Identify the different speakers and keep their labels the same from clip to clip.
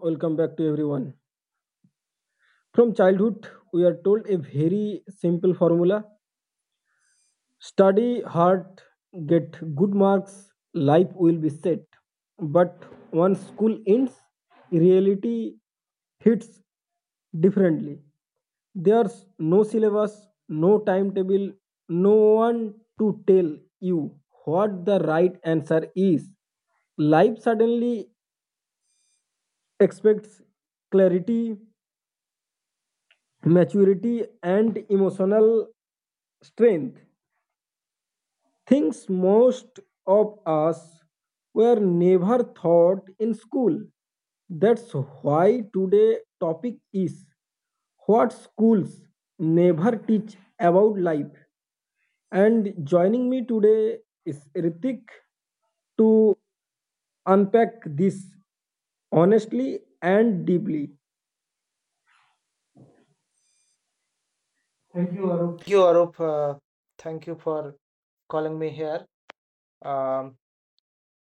Speaker 1: welcome back to everyone. From childhood, we are told a very simple formula: study hard, get good marks, life will be set. But once school ends, reality hits differently. There's no syllabus, no timetable, no one to tell you what the right answer is. Life suddenly expects clarity, maturity and emotional strength, things most of us were never taught in school. That's why today topic is what schools never teach about life, and joining me today is Ritik to unpack this honestly and deeply. Thank you, Arup.
Speaker 2: Thank you, Arup. Thank you for calling me here. Um,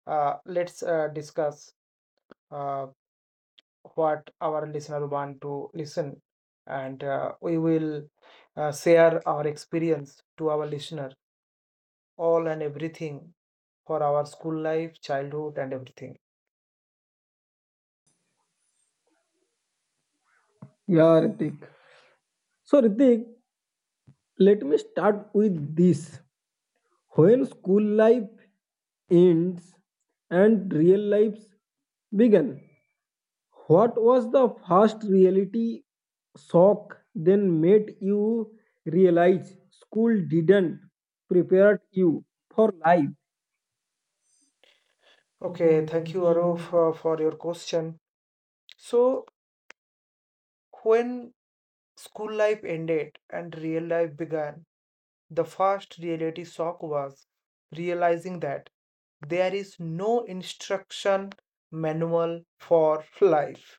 Speaker 2: let's discuss uh, what our listener want to listen, and we will share our experience to our listener, all and everything for our school life, childhood, and everything.
Speaker 1: Yeah, Ritik. So Ritik, let me start with this. When school life ends and real lives began, what was the first reality shock then made you realize school didn't prepare you for life?
Speaker 2: Okay,
Speaker 1: Okay,
Speaker 2: thank
Speaker 1: thank
Speaker 2: you,
Speaker 1: you,
Speaker 2: Arup,
Speaker 1: Aru.
Speaker 2: for your question. So, when school life ended and real life began, the first reality shock was realizing that there is no instruction manual for life.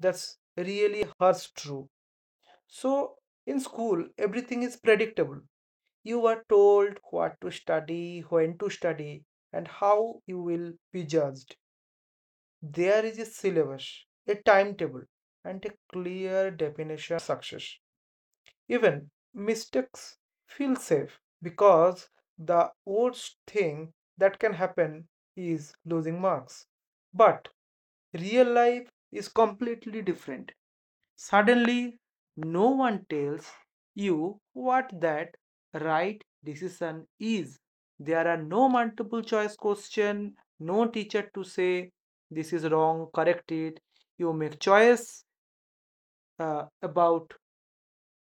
Speaker 2: That's really hurts true. So in school, everything is predictable. You are told what to study, when to study, and how you will be judged. There is a syllabus, a timetable, and a clear definition success. Even mistakes feel safe because the worst thing that can happen is losing marks. But real life is completely different. Suddenly, no one tells you what that right decision is. There are no multiple choice question, no teacher to say this is wrong, correct it. You make choice about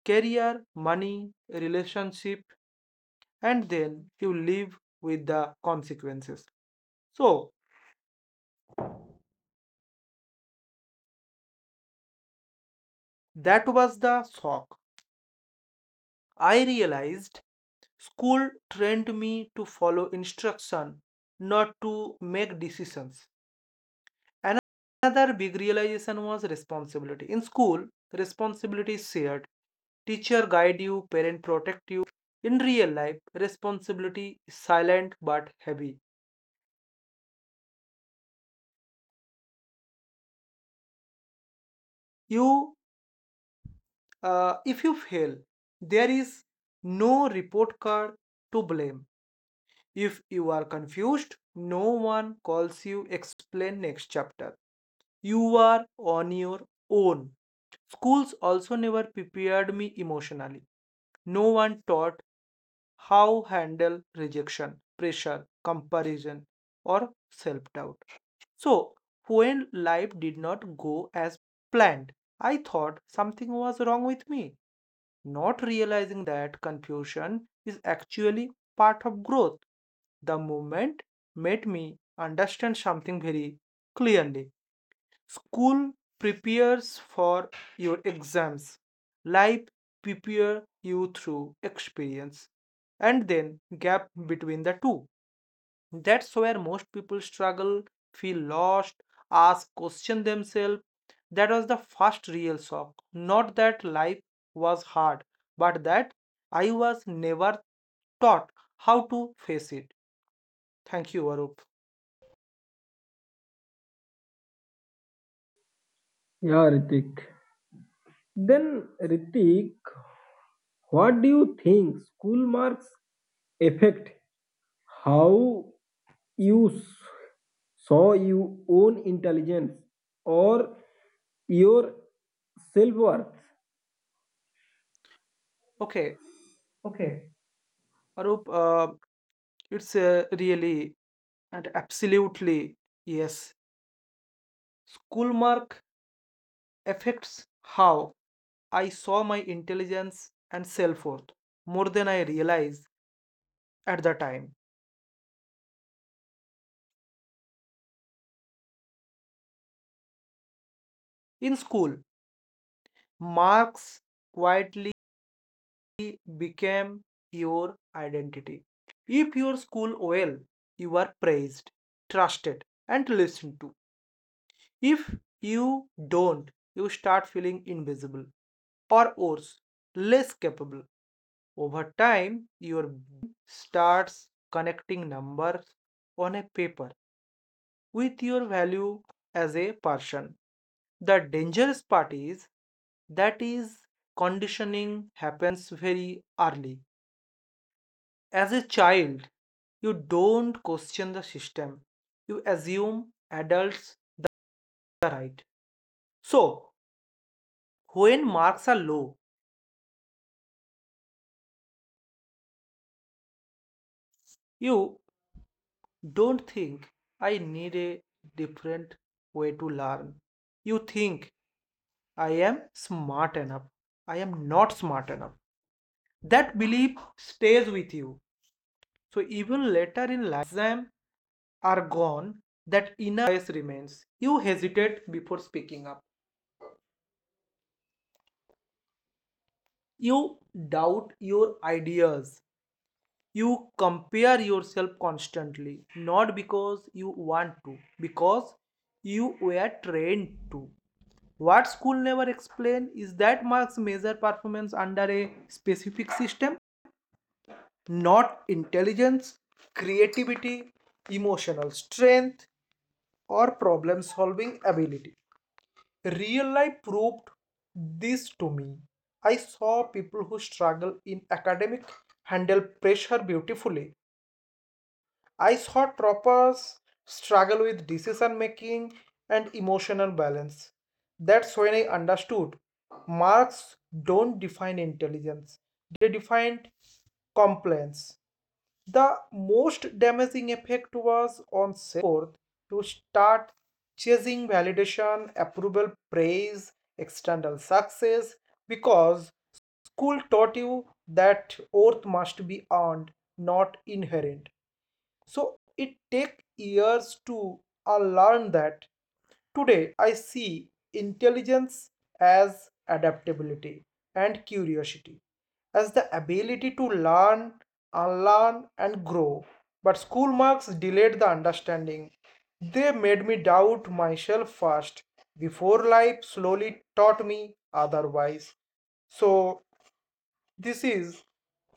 Speaker 2: career, money, relationship, and then you live with the consequences. So that was the shock. I realized school trained me to follow instruction, not to make decisions. Another big realization was responsibility. In school, responsibility is shared. Teacher guide you, parent protect you. In real life, responsibility is silent but heavy. You if you fail, there is no report card to blame. If you are confused, no one calls you explain next chapter. You are on your own. Schools also never prepared me emotionally. No one taught how handle rejection, pressure, comparison or self-doubt. So, when life did not go as planned, I thought something was wrong with me not realizing that confusion is actually part of growth. The movement made me understand something very clearly. School prepares for your exams, life prepares you through experience, and then gap between the two. That's where most people struggle, feel lost, ask, question themselves. That was the first real shock. Not that life was hard, but that I was never taught how to face it. Thank you, Arup.
Speaker 1: Yeah, Ritik. Then, Ritik, what do you think school marks affect how you saw your own intelligence or your self worth.
Speaker 2: Okay,
Speaker 1: Okay.
Speaker 2: Arup, it's really and absolutely yes. School mark affects how I saw my intelligence and self worth more than I realized at the time. In school, marks quietly became your identity. If your school well, you are praised, trusted, and listened to. If you don't, you start feeling invisible or worse, less capable. Over time, your starts connecting numbers on a paper with your value as a person. The dangerous part is that is conditioning happens very early. As a child, you don't question the system. You assume adults the right. So, when marks are low, you don't think I need a different way to learn. You think I am smart enough. I am not smart enough. That belief stays with you so even later in exams are gone, that inner voice remains. You hesitate before speaking up. You doubt your ideas. You compare yourself constantly, not because you want to, because you were trained to. What school never explained is that marks measure performance under a specific system, not intelligence, creativity, emotional strength, or problem solving ability. Real life proved this to me. I saw people who struggle in academic handle pressure beautifully. I saw troppers struggle with decision making and emotional balance. That's when I understood marks don't define intelligence, they define compliance. The most damaging effect was on self worth to start chasing validation, approval, praise, external success because school taught you that worth must be earned, not inherent. So it take years to learn that. Today, I see intelligence as adaptability and curiosity, as the ability to learn, unlearn, and grow. But school marks delayed the understanding. They made me doubt myself first, before life slowly taught me otherwise. So, this is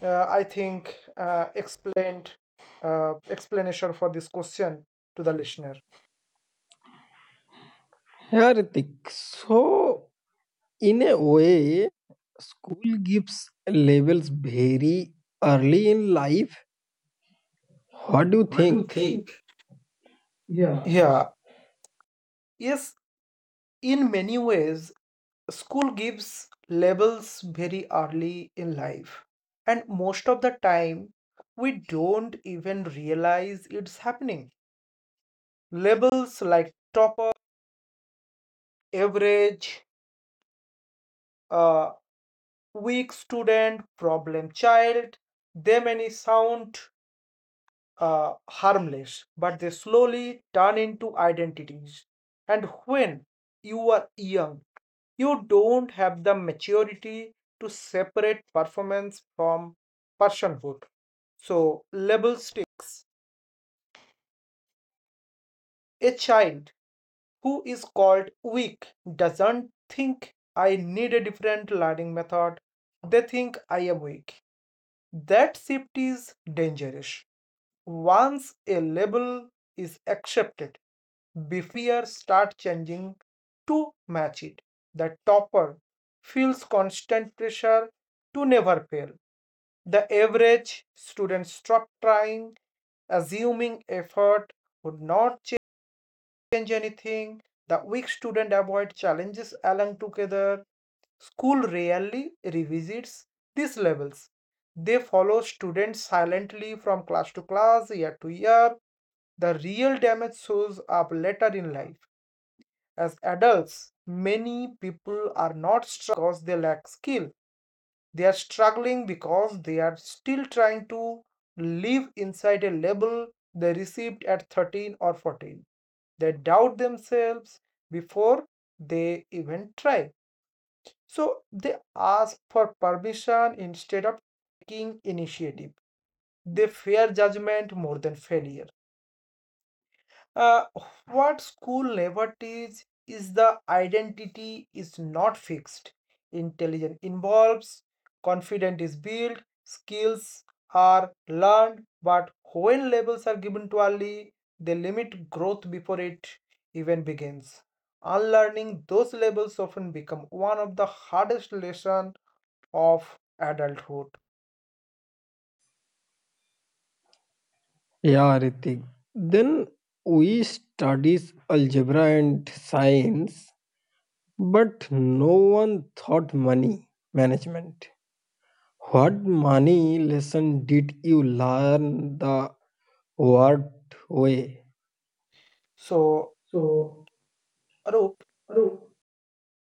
Speaker 2: I think explained explanation for this question to the listener.
Speaker 1: Yeah, Ritik. So, in a way, school gives labels very early in life. What do you think? Yeah.
Speaker 2: Yeah. Yes, in many ways, school gives labels very early in life, and most of the time, we don't even realize it's happening. Labels like topper, average, uh, weak student, problem child, they may sound harmless, but they slowly turn into identities. And when you are young, you don't have the maturity to separate performance from personhood. So, label sticks. A child who is called weak doesn't think I need a different learning method, they think I am weak. That shift is dangerous. Once a label is accepted, bef- start changing to match it. The topper feels constant pressure to never fail. The average student stopped trying, assuming effort would not change anything. The weak student avoid challenges along together. School rarely revisits these levels. They follow students silently from class to class, year to year. The real damage shows up later in life. As adults, many people are not because they lack skill. They are struggling because they are still trying to live inside a label they received at 13 or 14. They doubt themselves before they even try. So they ask for permission instead of taking initiative. They fear judgment more than failure. Uh, what school never teaches is the identity is not fixed. Intelligence involves, confidence is built, skills are learned, but when labels are given too early, they limit growth before it even begins. Unlearning those labels often become one of the hardest lessons of adulthood.
Speaker 1: Yeah, Ritik. Then we studies algebra and science, but no one thought money management. What money lesson did you learn the hard way?
Speaker 2: So,
Speaker 1: So,
Speaker 2: Arup,
Speaker 1: Aru,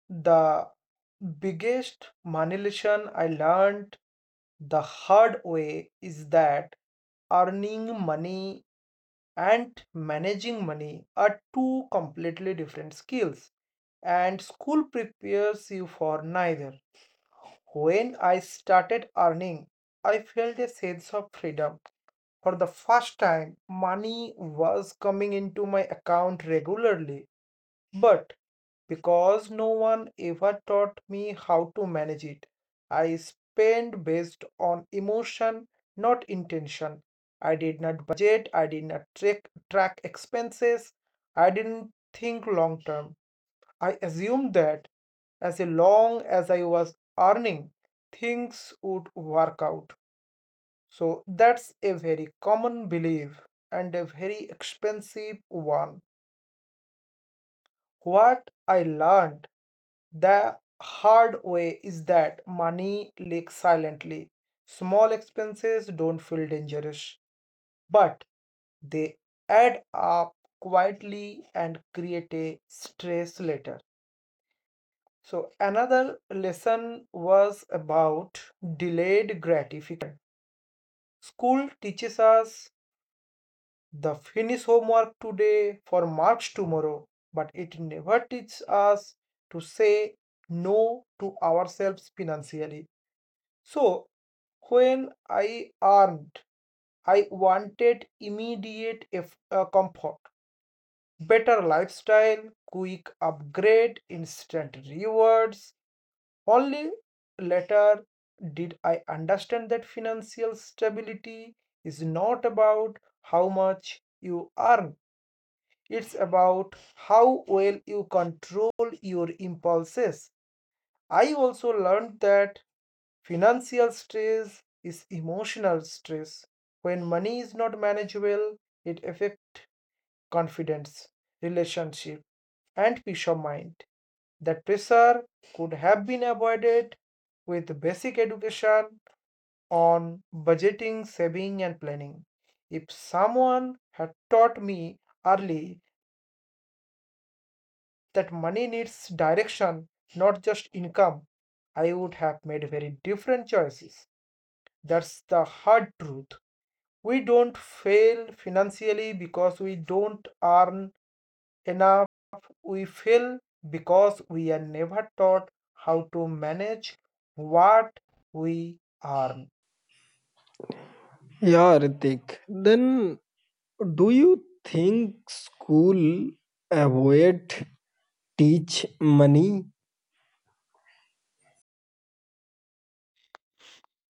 Speaker 2: the biggest money lesson I learned the hard way is that earning money and managing money are two completely different skills, and school prepares you for neither. When I started earning, I felt a sense of freedom. For the first time, money was coming into my account regularly. But because no one ever taught me how to manage it, I spent based on emotion, not intention. I did not budget, I did not track expenses, I didn't think long term. I assumed that as long as I was earning, things would work out. So that's a very common belief and a very expensive one. What I learned the hard way is that money leaks silently. Small expenses don't feel dangerous, but they add up quietly and create a stress later. So, another lesson was about delayed gratification. School teaches us the finish homework today for marks tomorrow, but it never teaches us to say no to ourselves financially. So, when I earned, I wanted immediate comfort, better lifestyle, quick upgrade, instant rewards. Only later did I understand that financial stability is not about how much you earn. It's about how well you control your impulses. I also learned that financial stress is emotional stress. When money is not manageable, it affects confidence, relationship, and peace of mind. That pressure could have been avoided with basic education on budgeting, saving, and planning. If someone had taught me early that money needs direction, not just income, I would have made very different choices. That's the hard truth. We don't fail financially because we don't earn enough. We fail because we are never taught how to manage what we earn.
Speaker 1: yeah, Ritik. Then do you think school avoid teach money?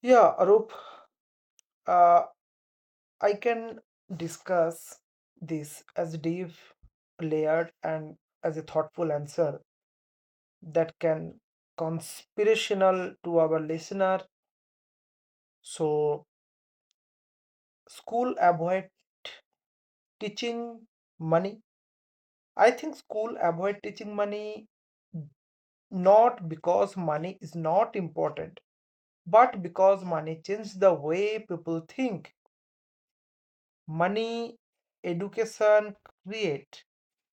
Speaker 2: Yeah, Arup, uh, I can discuss this as deep, layered, and as a thoughtful answer that can conspirational to our listener. So, school avoid teaching money. I think school avoid teaching money not because money is not important, but because money changes the way people think. Money education create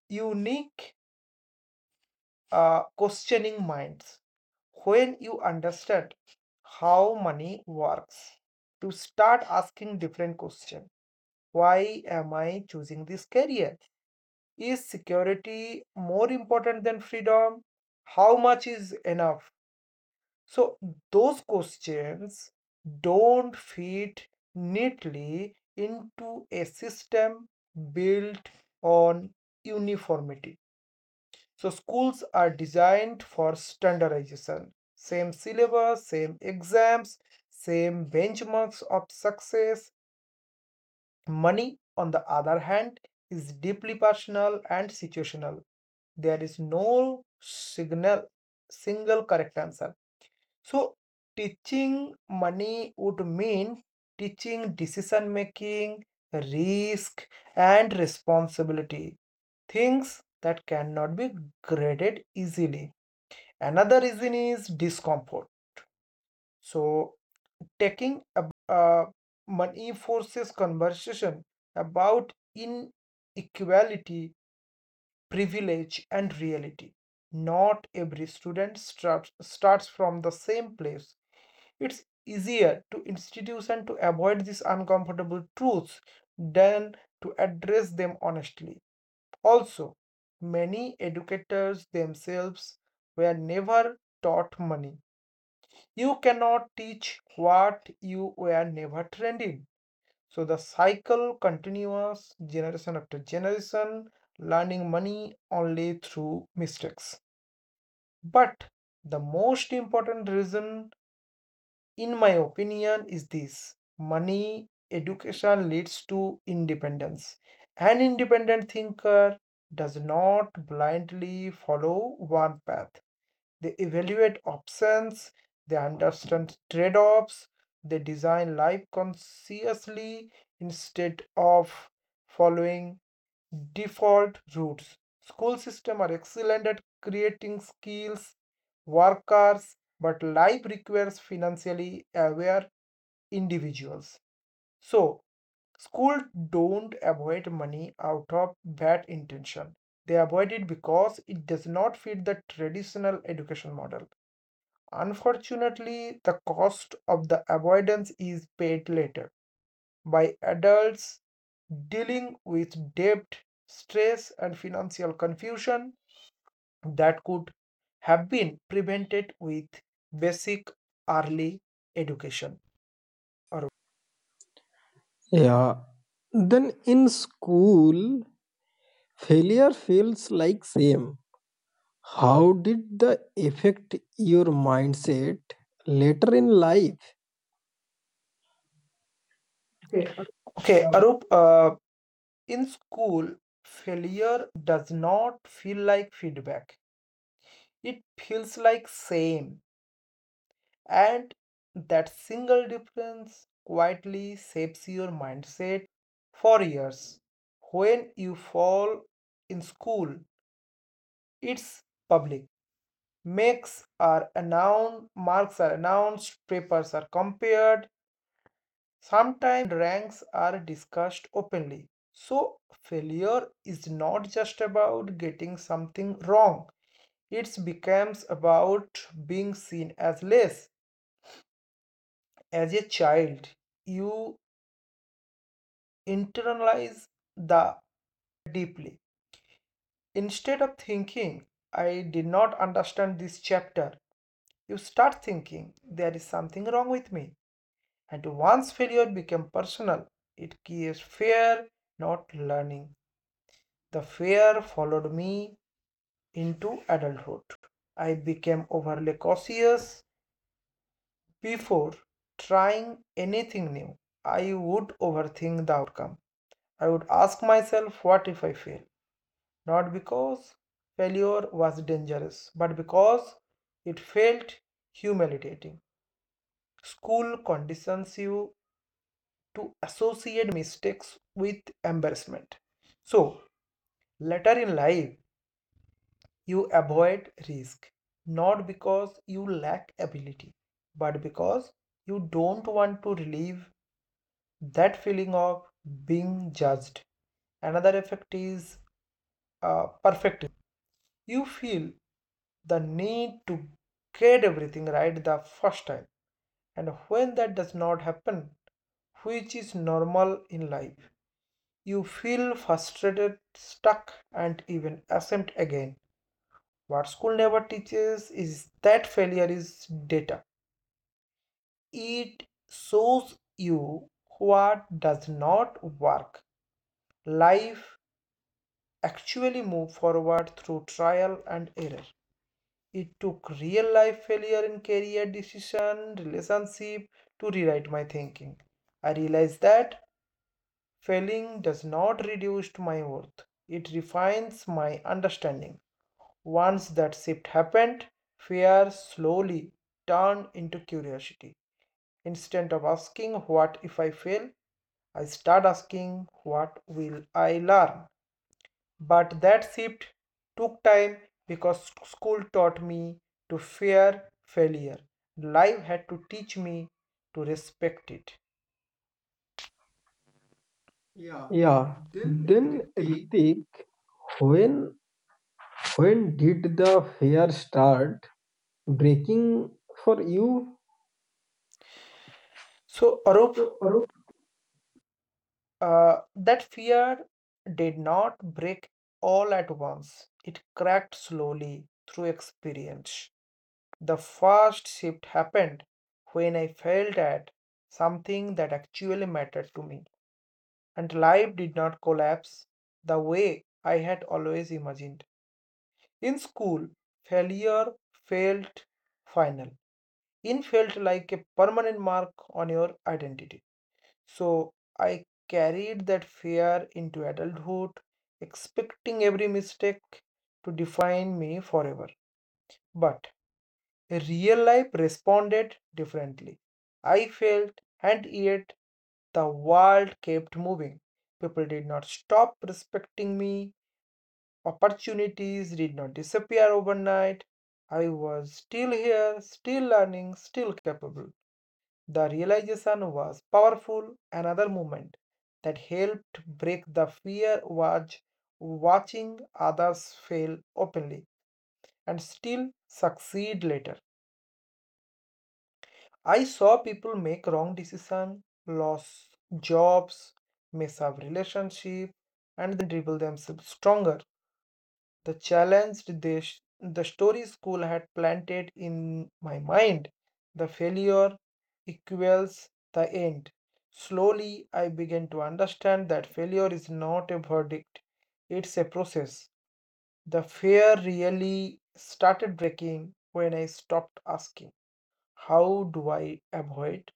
Speaker 2: unique questioning minds when you understand how money works to start asking different questions. Why am I choosing this career? Is security more important than freedom? How much is enough? So those questions don't fit neatly into a system built on uniformity. So schools are designed for standardization. Same syllabus, same exams, same benchmarks of success. Money, on the other hand, is deeply personal and situational. There is no signal, single correct answer. So teaching money would mean teaching decision making, risk, and responsibility. Things that cannot be graded easily. Another reason is discomfort. So, taking uh, money forces conversation about inequality, privilege, and reality. Not every student starts from the same place. It's easier to institution to avoid these uncomfortable truths than to address them honestly. Also, many educators themselves were never taught money. You cannot teach what you were never trained in. So the cycle continues generation after generation, learning money only through mistakes. But the most important reason, in my opinion, is this money education leads to independence. An independent thinker does not blindly follow one path. They evaluate options, they understand trade offs, they design life consciously instead of following default routes. School systems are excellent at creating skills, workers, but life requires financially aware individuals. So, schools don't avoid money out of bad intention. They avoid it because it does not fit the traditional education model. Unfortunately, the cost of the avoidance is paid later by adults dealing with debt, stress, and financial confusion that could have been prevented with basic early education. Arup.
Speaker 1: Yeah. Then in school, failure feels like same. How did the affect your mindset later in life? Okay.
Speaker 2: Okay, Arup, in school, failure does not feel like feedback, it feels like shame. And that single difference quietly shapes your mindset for years. When you fall in school, it's public. Marks are announced, papers are compared, sometimes ranks are discussed openly. So, failure is not just about getting something wrong, it becomes about being seen as less. As a child, you internalize the deeply. Instead of thinking I did not understand this chapter, you start thinking there is something wrong with me. And once failure became personal, it creates fear, not learning. The fear followed me into adulthood. I became overly cautious. Before trying anything new, I would overthink the outcome. I would ask myself, what if I fail? Not because failure was dangerous, but because it felt humiliating. School conditions you to associate mistakes with embarrassment. So, later in life, you avoid risk, not because you lack ability, but because you don't want to relieve that feeling of being judged. Another effect is perfectism. You feel the need to get everything right the first time, and when that does not happen, which is normal in life, you feel frustrated, stuck, and even ashamed again. What school never teaches is that failure is data. It shows you what does not work. Life actually moves forward through trial and error. It took real life failure in career decision, relationship to rewrite my thinking. I realized that failing does not reduce my worth. It refines my understanding. Once that shift happened, fear slowly turned into curiosity. Instead of asking what if I fail, I start asking what will I learn. But that shift took time because school taught me to fear failure. Life had to teach me to respect it. Yeah.
Speaker 1: Yeah.
Speaker 2: Then
Speaker 1: Then
Speaker 2: Ritik,
Speaker 1: Ritik, when when did the fear start breaking for you?
Speaker 2: so, Arup,
Speaker 1: So, Arup,
Speaker 2: that fear did not break all at once. It cracked slowly through experience. The first shift happened when I felt at something that actually mattered to me, and life did not collapse the way I had always imagined. In school, failure felt final. It felt like a permanent mark on your identity. So I carried that fear into adulthood, expecting every mistake to define me forever. But real life responded differently. I failed, and yet the world kept moving. People did not stop respecting me. Opportunities did not disappear overnight. I was still here, still learning, still capable. The realization was powerful. Another moment that helped break the fear was watching others fail openly and still succeed later. I saw people make wrong decision, lose jobs, mess up relationship, and then dribble themselves stronger. The challenge the story school had planted in my mind. The failure equals the end. Slowly, I began to understand that failure is not a verdict; it's a process. The fear really started breaking when I stopped asking how do I avoid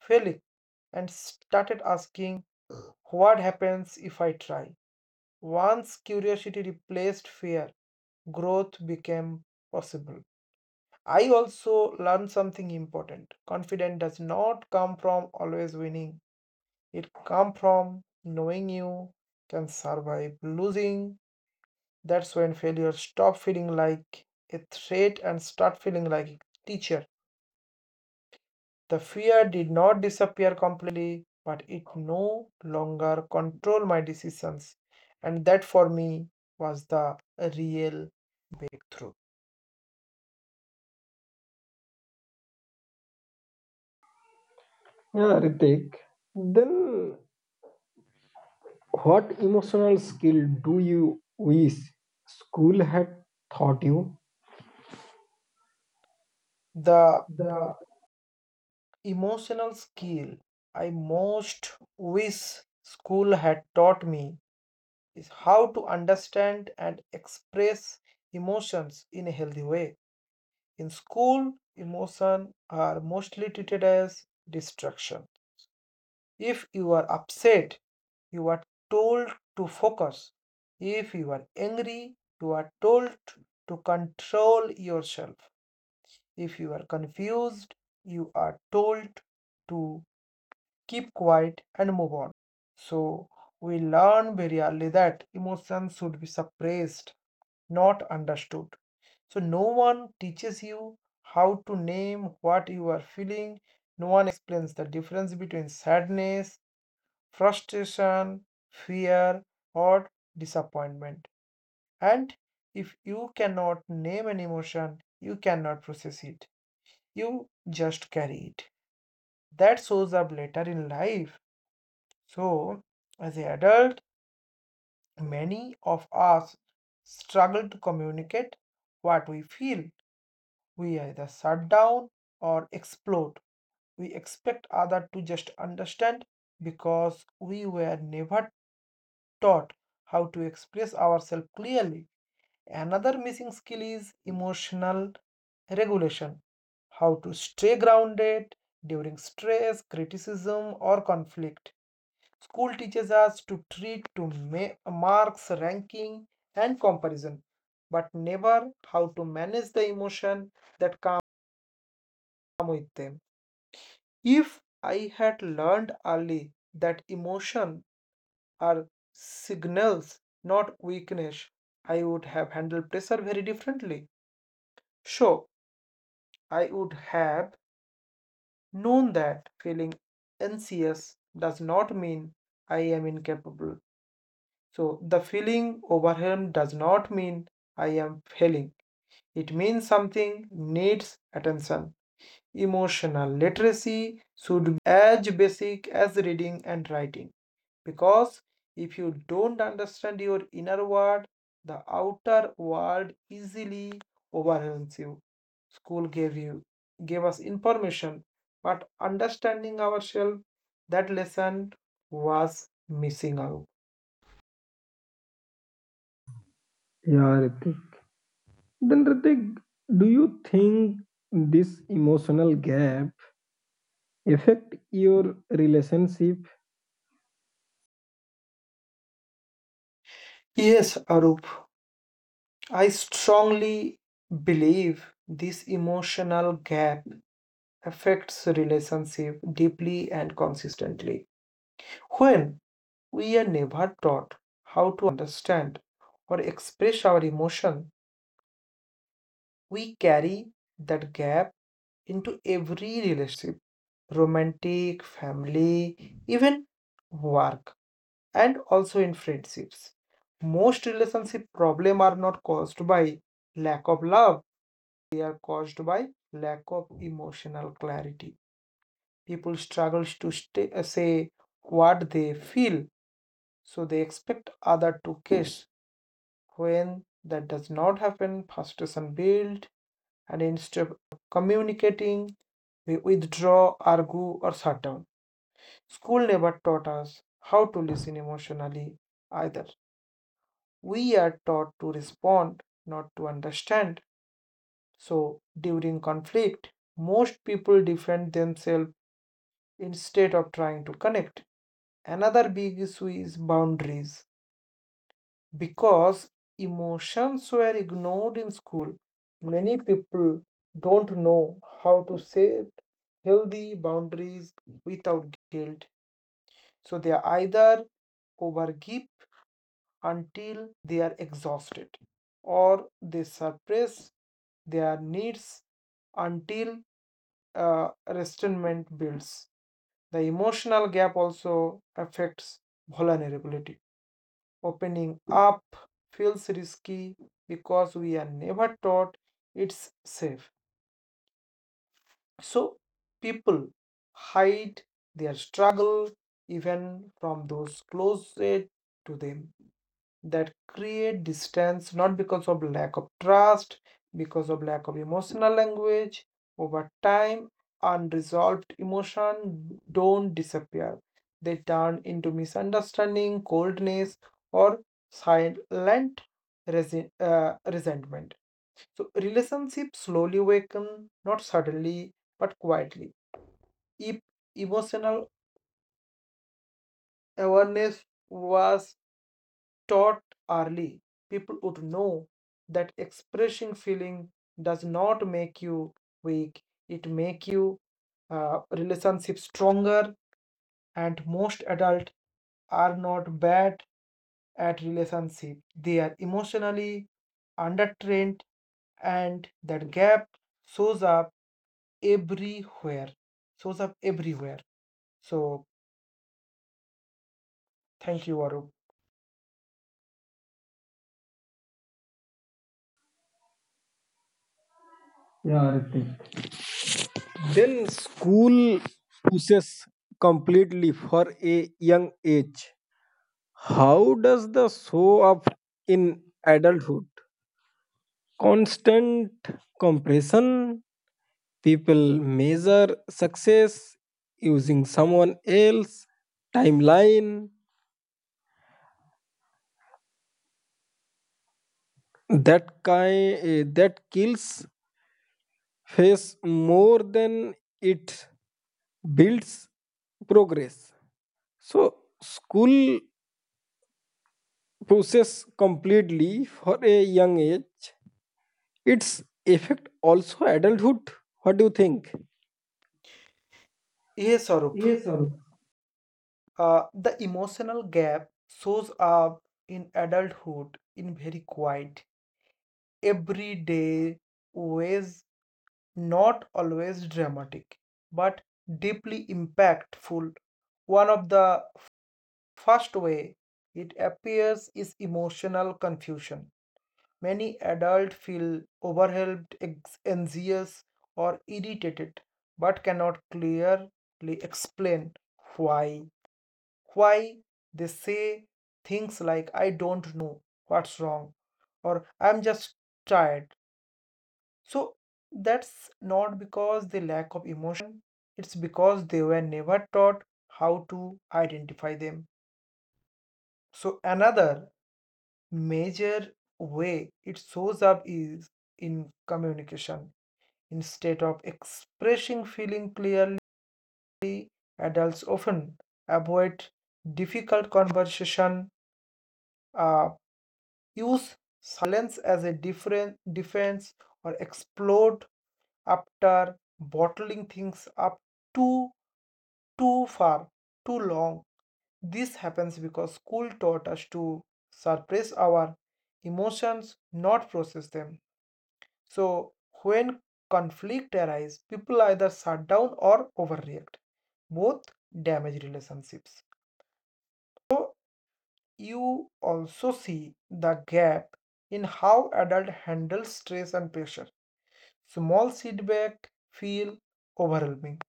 Speaker 2: failing? And started asking what happens if I try. Once curiosity replaced fear, growth became possible. I also learned something important. Confidence does not come from always winning. It comes from knowing you can survive losing. That's when failure stop feeling like a threat and start feeling like a teacher. The fear did not disappear completely, but it no longer controlled my decisions. And that for me was the real breakthrough.
Speaker 1: yeah, Ritik. Then what emotional skill do you wish school had taught you?
Speaker 2: The
Speaker 1: The
Speaker 2: emotional skill I most wish school had taught me is how to understand and express emotions in a healthy way. In school, emotions are mostly treated as distractions. If you are upset, you are told to focus. If you are angry, you are told to control yourself. If you are confused, you are told to keep quiet and move on. So, we learn very early that emotions should be suppressed, not understood. So, no one teaches you how to name what you are feeling. No one explains the difference between sadness, frustration, fear, or disappointment. And if you cannot name an emotion, you cannot process it. You just carry it. That shows up later in life. So, as an adult, many of us struggle to communicate what we feel. We either shut down or explode. We expect others to just understand because we were never taught how to express ourselves clearly. Another missing skill is emotional regulation, how to stay grounded during stress, criticism, or conflict. School teaches us to treat to marks, ranking, and comparison, but never how to manage the emotion that come with them. If I had learned early that emotion are signals, not weakness, I would have handled pressure very differently. Sure, I would have known that feeling anxious does not mean I am incapable. So, the feeling overwhelmed does not mean I am failing. It means something needs attention. Emotional literacy should as basic as reading and writing. Because if you don't understand your inner world, the outer world easily overwhelms you. School gave us information, but understanding ourselves, that lesson was missing out.
Speaker 1: yeah, Ritik. Then Ritik, do you think this emotional gap affect your relationship?
Speaker 2: Yes, Arup, I strongly believe this emotional gap affects relationship deeply and consistently. When we are never taught how to understand or express our emotion, we carry that gap into every relationship, romantic, family, even work, and also in friendships. Most relationship problems are not caused by lack of love, are caused by lack of emotional clarity. People struggle to say what they feel, so they expect other to guess. When that does not happen, frustration builds, and instead communicating, we withdraw, argue, or shut down. School never taught us how to listen emotionally either. We are taught to respond, not to understand. So during conflict, most people defend themselves instead of trying to connect. Another big issue is boundaries. Because emotions were ignored in school, many people don't know how to set healthy boundaries without guilt. So they are either overgive until they are exhausted, or they suppress their needs until resentment builds. The emotional gap also affects vulnerability. Opening up feels risky because we are never taught it's safe. So people hide their struggle even from those closest to them. That create distance, not because of lack of trust, because of lack of emotional language. Over time, unresolved emotion don't disappear. They turn into misunderstanding, coldness, or silent resentment. So relationships slowly awaken, not suddenly, but quietly. If emotional awareness was taught early, people would know that expressing feeling does not make you weak. It make you relationship stronger. And most adults are not bad at relationship. They are emotionally undertrained, and that gap shows up everywhere. Shows up everywhere. So thank you, Arup.
Speaker 1: Yeah, Ritik. Then school pushes completely for a young age. How does the show up in adulthood? Constant compression. People measure success using someone else timeline, that kind that kills face more than it builds progress. So school process completely for a young age. Its effect also adulthood. What do you think?
Speaker 2: Yes, Arup,
Speaker 1: Yes, Arup.
Speaker 2: The emotional gap shows up in adulthood in very quiet, everyday ways, not always dramatic, but deeply impactful. One of the first way it appears is emotional confusion. Many adults feel overwhelmed, anxious, or irritated, but cannot clearly explain why. Why they say things like I don't know what's wrong or I'm just tired. So that's not because they lack of emotion, it's because they were never taught how to identify them. So another major way it shows up is in communication. Instead of expressing feeling clearly, adults often avoid difficult conversation, uh, use silence as a different defense or explode after bottling things up too too far too long. This happens because school taught us to suppress our emotions, not process them. So when conflict arises, people either shut down or overreact. Both damage relationships. You also see the gap in how adult handles stress and pressure. Small setback feel overwhelming.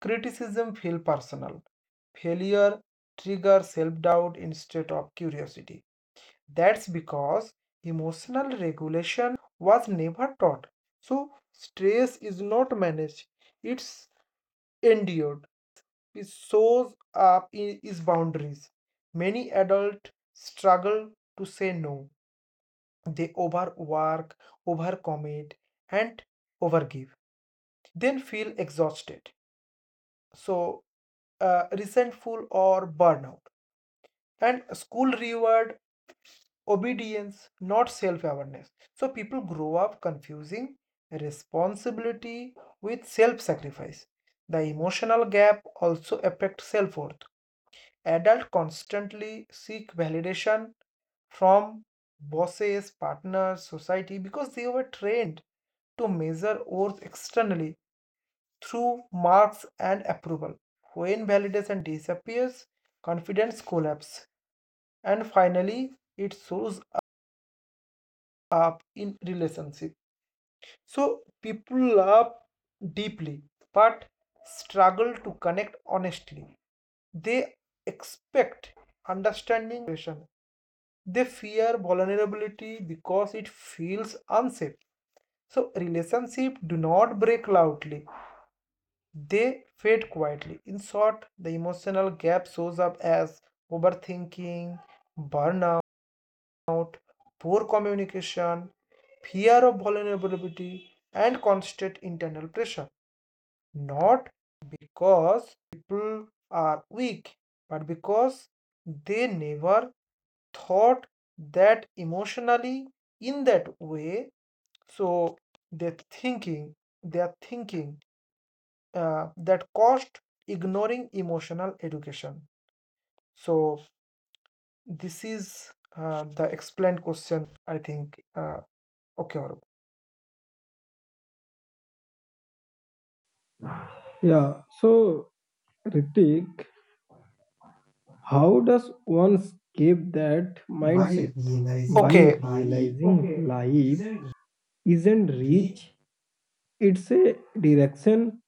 Speaker 2: Criticism feel personal. Failure trigger self-doubt instead of curiosity. That's because emotional regulation was never taught. So stress is not managed, it's endured. So another place is shows up is boundaries. Many adults struggle to say no. They overwork, overcommit, and overgive. Then feel exhausted, so resentful or burnout. And school reward obedience, not self-awareness. So people grow up confusing responsibility with self-sacrifice. The emotional gap also affects self-worth. Adults constantly seek validation from bosses, partners, society because they were trained to measure worth externally through marks and approval. When validation disappears, confidence collapses, and finally, it shows up in relationship. So people love deeply but struggle to connect honestly. They expect understanding expression they fear vulnerability because it feels unsafe. So relationships do not break loudly. They fade quietly. In short, the emotional gap shows up as overthinking, burnout, poor communication, fear of vulnerability, and constant internal pressure. Not because people are weak, but because they never thought that emotionally in that way. So they're thinking they're thinking that cost ignoring emotional education. So this is the explained question. I think okay, Arup.
Speaker 1: Yeah. So Ritik, how does one escape that
Speaker 2: My
Speaker 1: mindset?
Speaker 2: realization,
Speaker 1: By
Speaker 2: okay, money
Speaker 1: realizing, okay, life
Speaker 2: isn't
Speaker 1: isn't
Speaker 2: real.
Speaker 1: reach, it's a direction.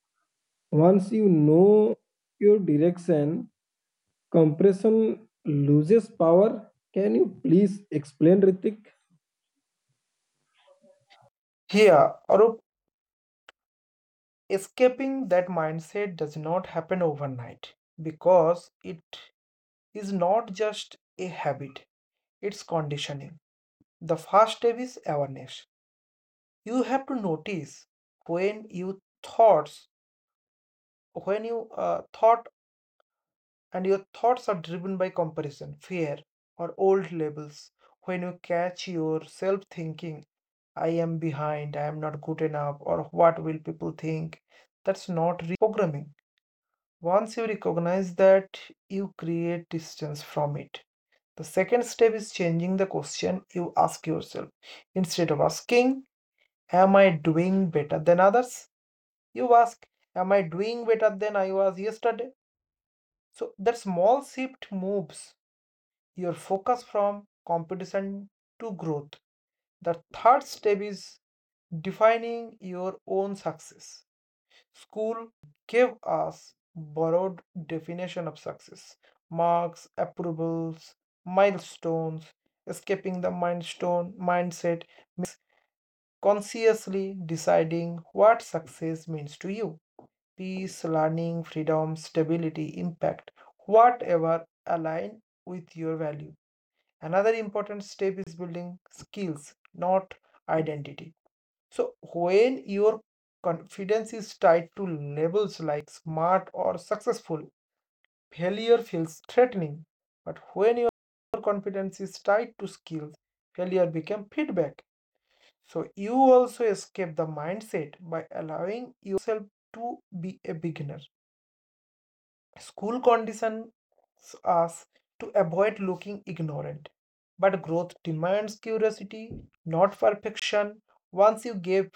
Speaker 1: Once you know your direction, compression loses power. Can you please explain, Ritik?
Speaker 2: Here, Arup, escaping that mindset does not happen overnight because it is not just a habit, it's conditioning. The first step is awareness. You have to notice when you thoughts, when you thought and your thoughts are driven by comparison, fear, or old labels. When you catch yourself thinking, I am behind, I am not good enough, or what will people think? That's not programming. Once you recognize that, you create distance from it. The second step is changing the question you ask yourself. Instead of asking, am I doing better than others? You ask, am I doing better than I was yesterday? So that small shift moves your focus from competition to growth. The third step is defining your own success. School gave us borrowed definition of success. Marks, approvals, milestones, escaping the milestone mindset means consciously deciding what success means to you. Peace, learning, freedom, stability, impact, whatever align with your value. Another important step is building skills, not identity. So, when your confidence is tied to labels like smart or successful, failure feels threatening. But when your confidence is tied to skills, failure becomes feedback. So, you also escape the mindset by allowing yourself to be a beginner. School conditions us to avoid looking ignorant. But growth demands curiosity, not perfection. Once you give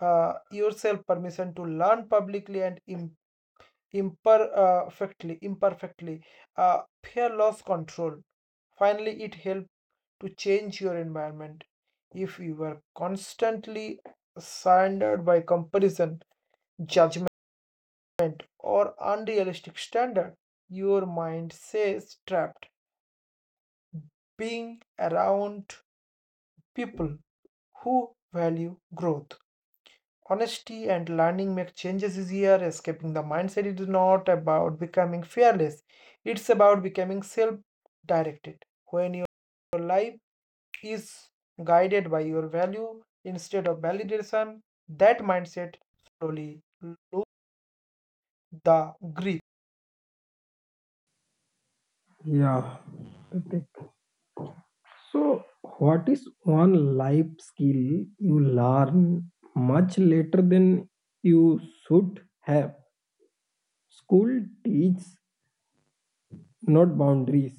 Speaker 2: yourself permission to learn publicly and imperfectly, fear lost control. Finally, it helps to change your environment. If you were constantly surrounded by comparison, judgment, or unrealistic standard. Your mind says trapped, being around people who value growth. Honesty and learning make changes easier. Escaping the mindset is not about becoming fearless, it's about becoming self directed. When your life is guided by your value instead of validation, that mindset slowly lose the grip.
Speaker 1: Yeah, Ritik. So, what is one life skill you learn much later than you should have? School teaches, not boundaries,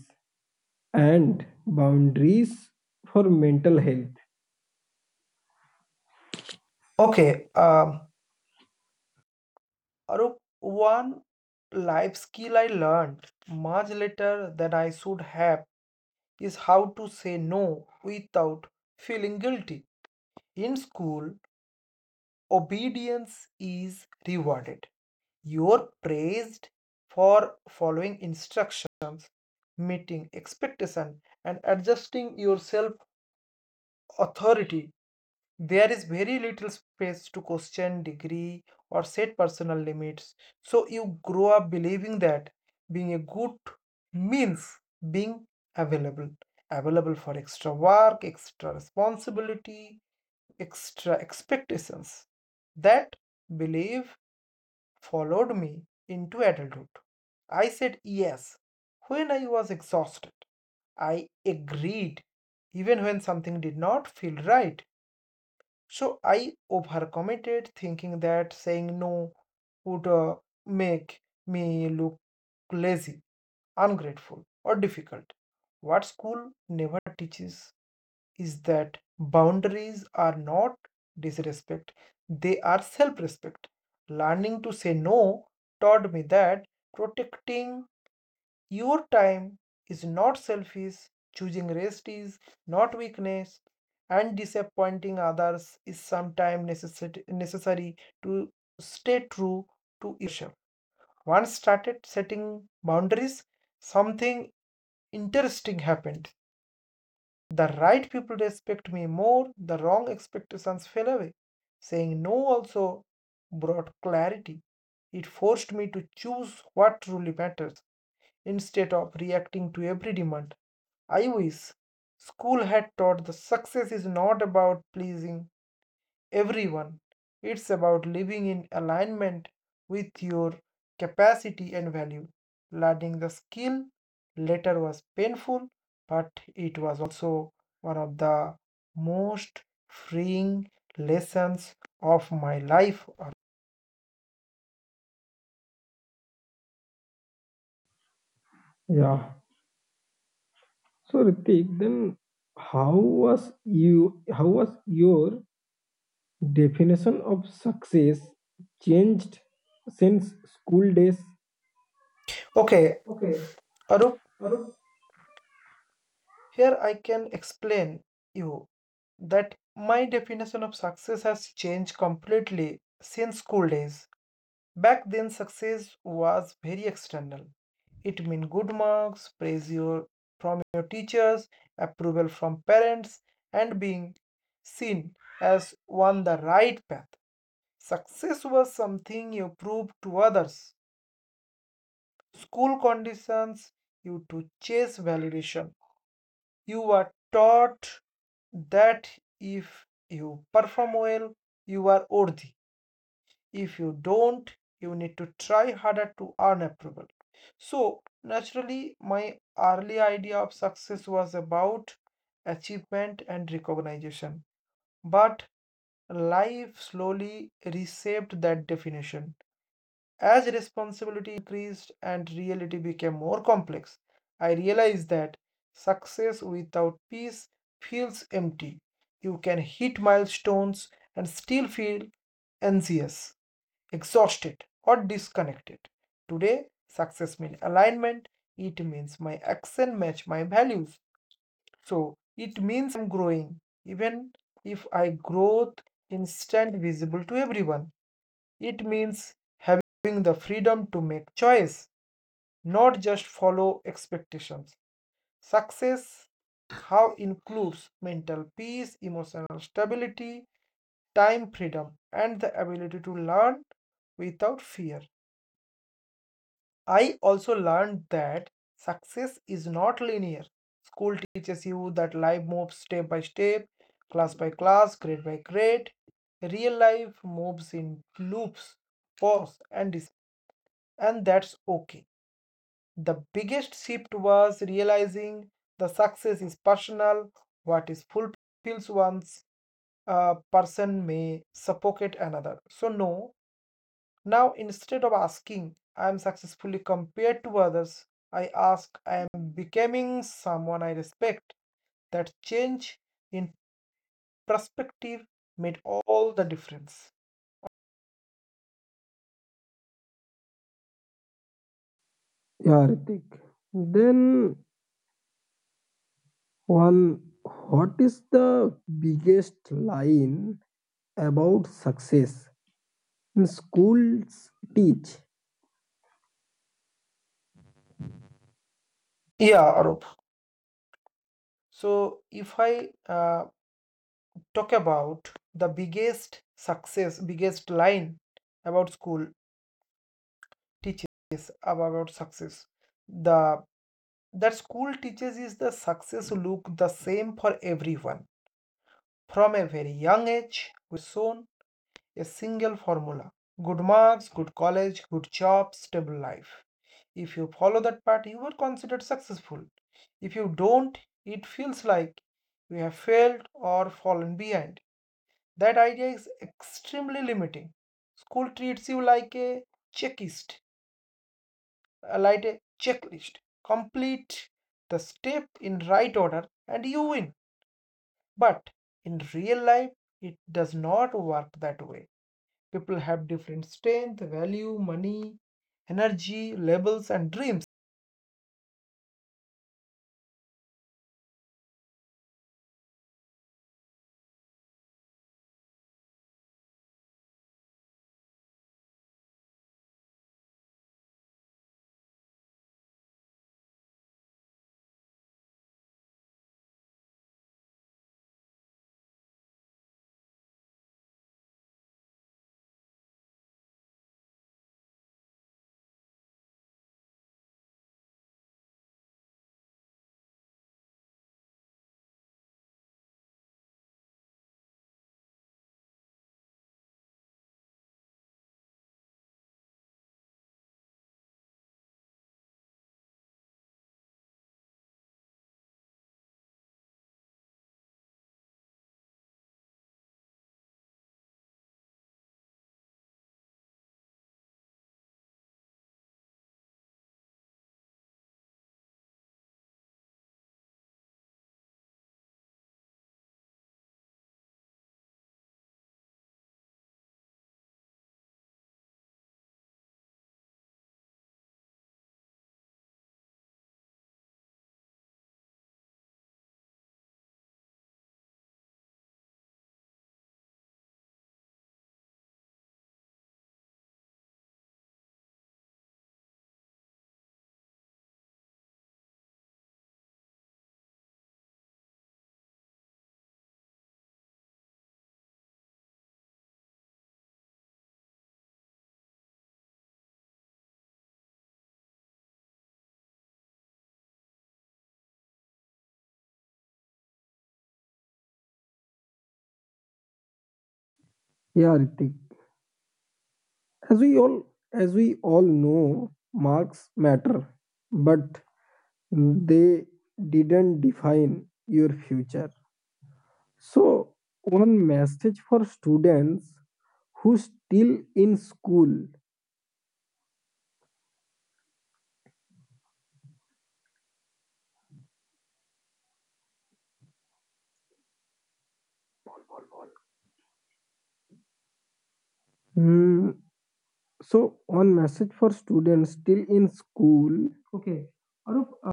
Speaker 1: and boundaries for mental health. Okay.
Speaker 2: Okay, Arup, one life skill I learned much later than I should have is how to say no without feeling guilty. In school, obedience is rewarded. You're praised for following instructions, meeting expectation, and adjusting yourself authority. There is very little space to question degree or set personal limits. So you grow up believing that being a good means being available, available for extra work, extra responsibility, extra expectations. That belief followed me into adulthood. I said yes when I was exhausted. I agreed even when something did not feel right. So I overcommitted thinking that saying no would make me look lazy, ungrateful, or difficult. What school never teaches is that boundaries are not disrespect, they are self respect. Learning to say no taught me that protecting your time is not selfish, choosing rest is not weakness, and disappointing others is sometimes necessary to stay true to yourself. Once started setting boundaries, something interesting happened. The right people respect me more, the wrong expectations fell away. Saying no also brought clarity. It forced me to choose what truly matters instead of reacting to every demand. I wish school had taught that success is not about pleasing everyone, it's about living in alignment with your capacity and value. Learning the skill later was painful, but it was also one of the most freeing lessons of my life.
Speaker 1: Yeah. So Ritik, then how was you, how was your definition of success changed since school days?
Speaker 2: Okay,
Speaker 1: Okay.
Speaker 2: Arup,
Speaker 1: Arun,
Speaker 2: here I can explain you that my definition of success has changed completely since school days. Back then, success was very external. It meant good marks, praise your, from your teachers, approval from parents, and being seen as on the right path. Success was something you proved to others. School conditions you to chase validation. You are taught that if you perform well, you are worthy. If you don't, you need to try harder to earn approval. So, naturally, my early idea of success was about achievement and recognition. But life slowly reshaped that definition. As responsibility increased and reality became more complex, I realized that success without peace feels empty. You can hit milestones and still feel anxious, exhausted, or disconnected. Today, success means alignment. It means my action match my values. So it means am growing, even if I growth instant visible to everyone. It means having the freedom to make choice, not just follow expectations. Success how includes mental peace, emotional stability, time freedom, and the ability to learn without fear. I also learned that success is not linear. School teaches you that life moves step by step, class by class, grade by grade. Real life moves in loops, pause, and that's okay. The biggest shift was realizing the success is personal, what is fulfills one's person may suffocate another. So, no, now instead of asking, I am successfully compared to others, I ask, I am becoming someone I respect. That change in perspective made all the difference.
Speaker 1: yeah, Ritik. Then one, what is the biggest line about success in schools teach?
Speaker 2: Yeah, Arup. So, if I talk about the biggest success, biggest line about school teaches about success. The that school teaches is the success look the same for everyone. From a very young age, shown a single formula. Good marks, good college, good job, stable life. If you follow that path, you are considered successful. If you don't, it feels like you have failed or fallen behind. That idea is extremely limiting. School treats you like a checklist, like a checklist. Complete the step in right order and you win. But in real life, it does not work that way. People have different strength, value, money, energy, labels, and dreams.
Speaker 1: Yeah, Ritik. As we all as we all know, marks matter, but they didn't define your future. So one message for students who still in school. Hmm, so one message for students still in school. Okay, Arup,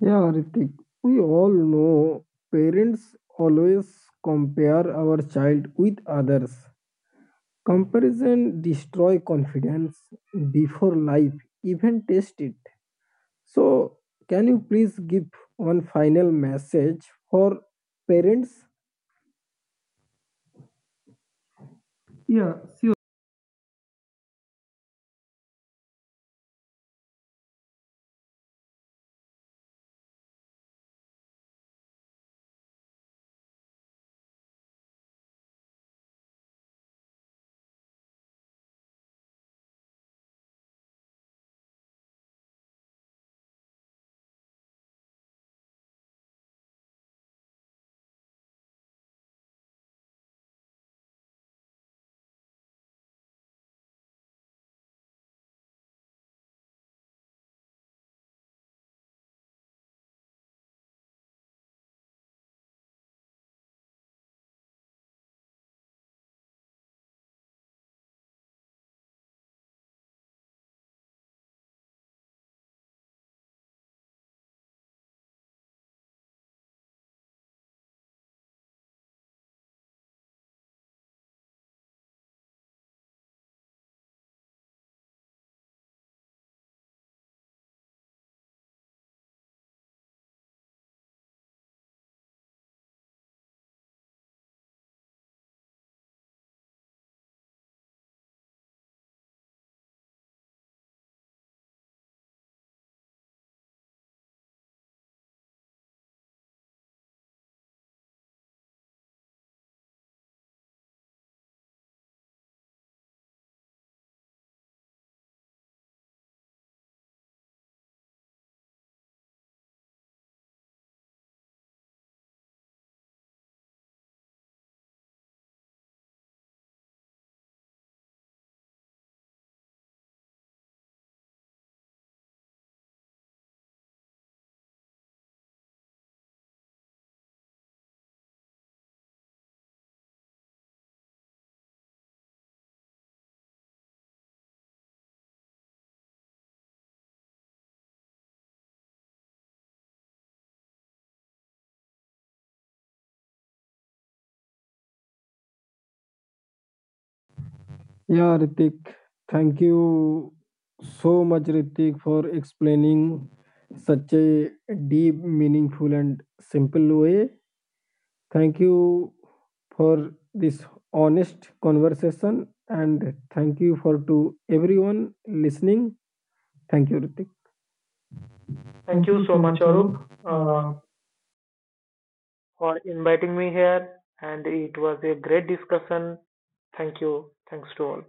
Speaker 1: yeah, Ritik, we all know parents always compare our child with others. Comparison destroy confidence before life even test it. So can you please give one final message for parents? Yeah, sure. Yeah, Ritik, thank you so much, Ritik, for explaining such a deep, meaningful, and simple way. Thank you for this honest conversation, and thank you for to everyone listening. Thank you, Ritik.
Speaker 2: Thank
Speaker 1: Thank
Speaker 2: you
Speaker 1: you
Speaker 2: so
Speaker 1: so
Speaker 2: much,
Speaker 1: much,
Speaker 2: Arup,
Speaker 1: Arup.
Speaker 2: uh,
Speaker 1: Uh,
Speaker 2: for inviting me here, and it was a great discussion. Thank you. Thanks to all.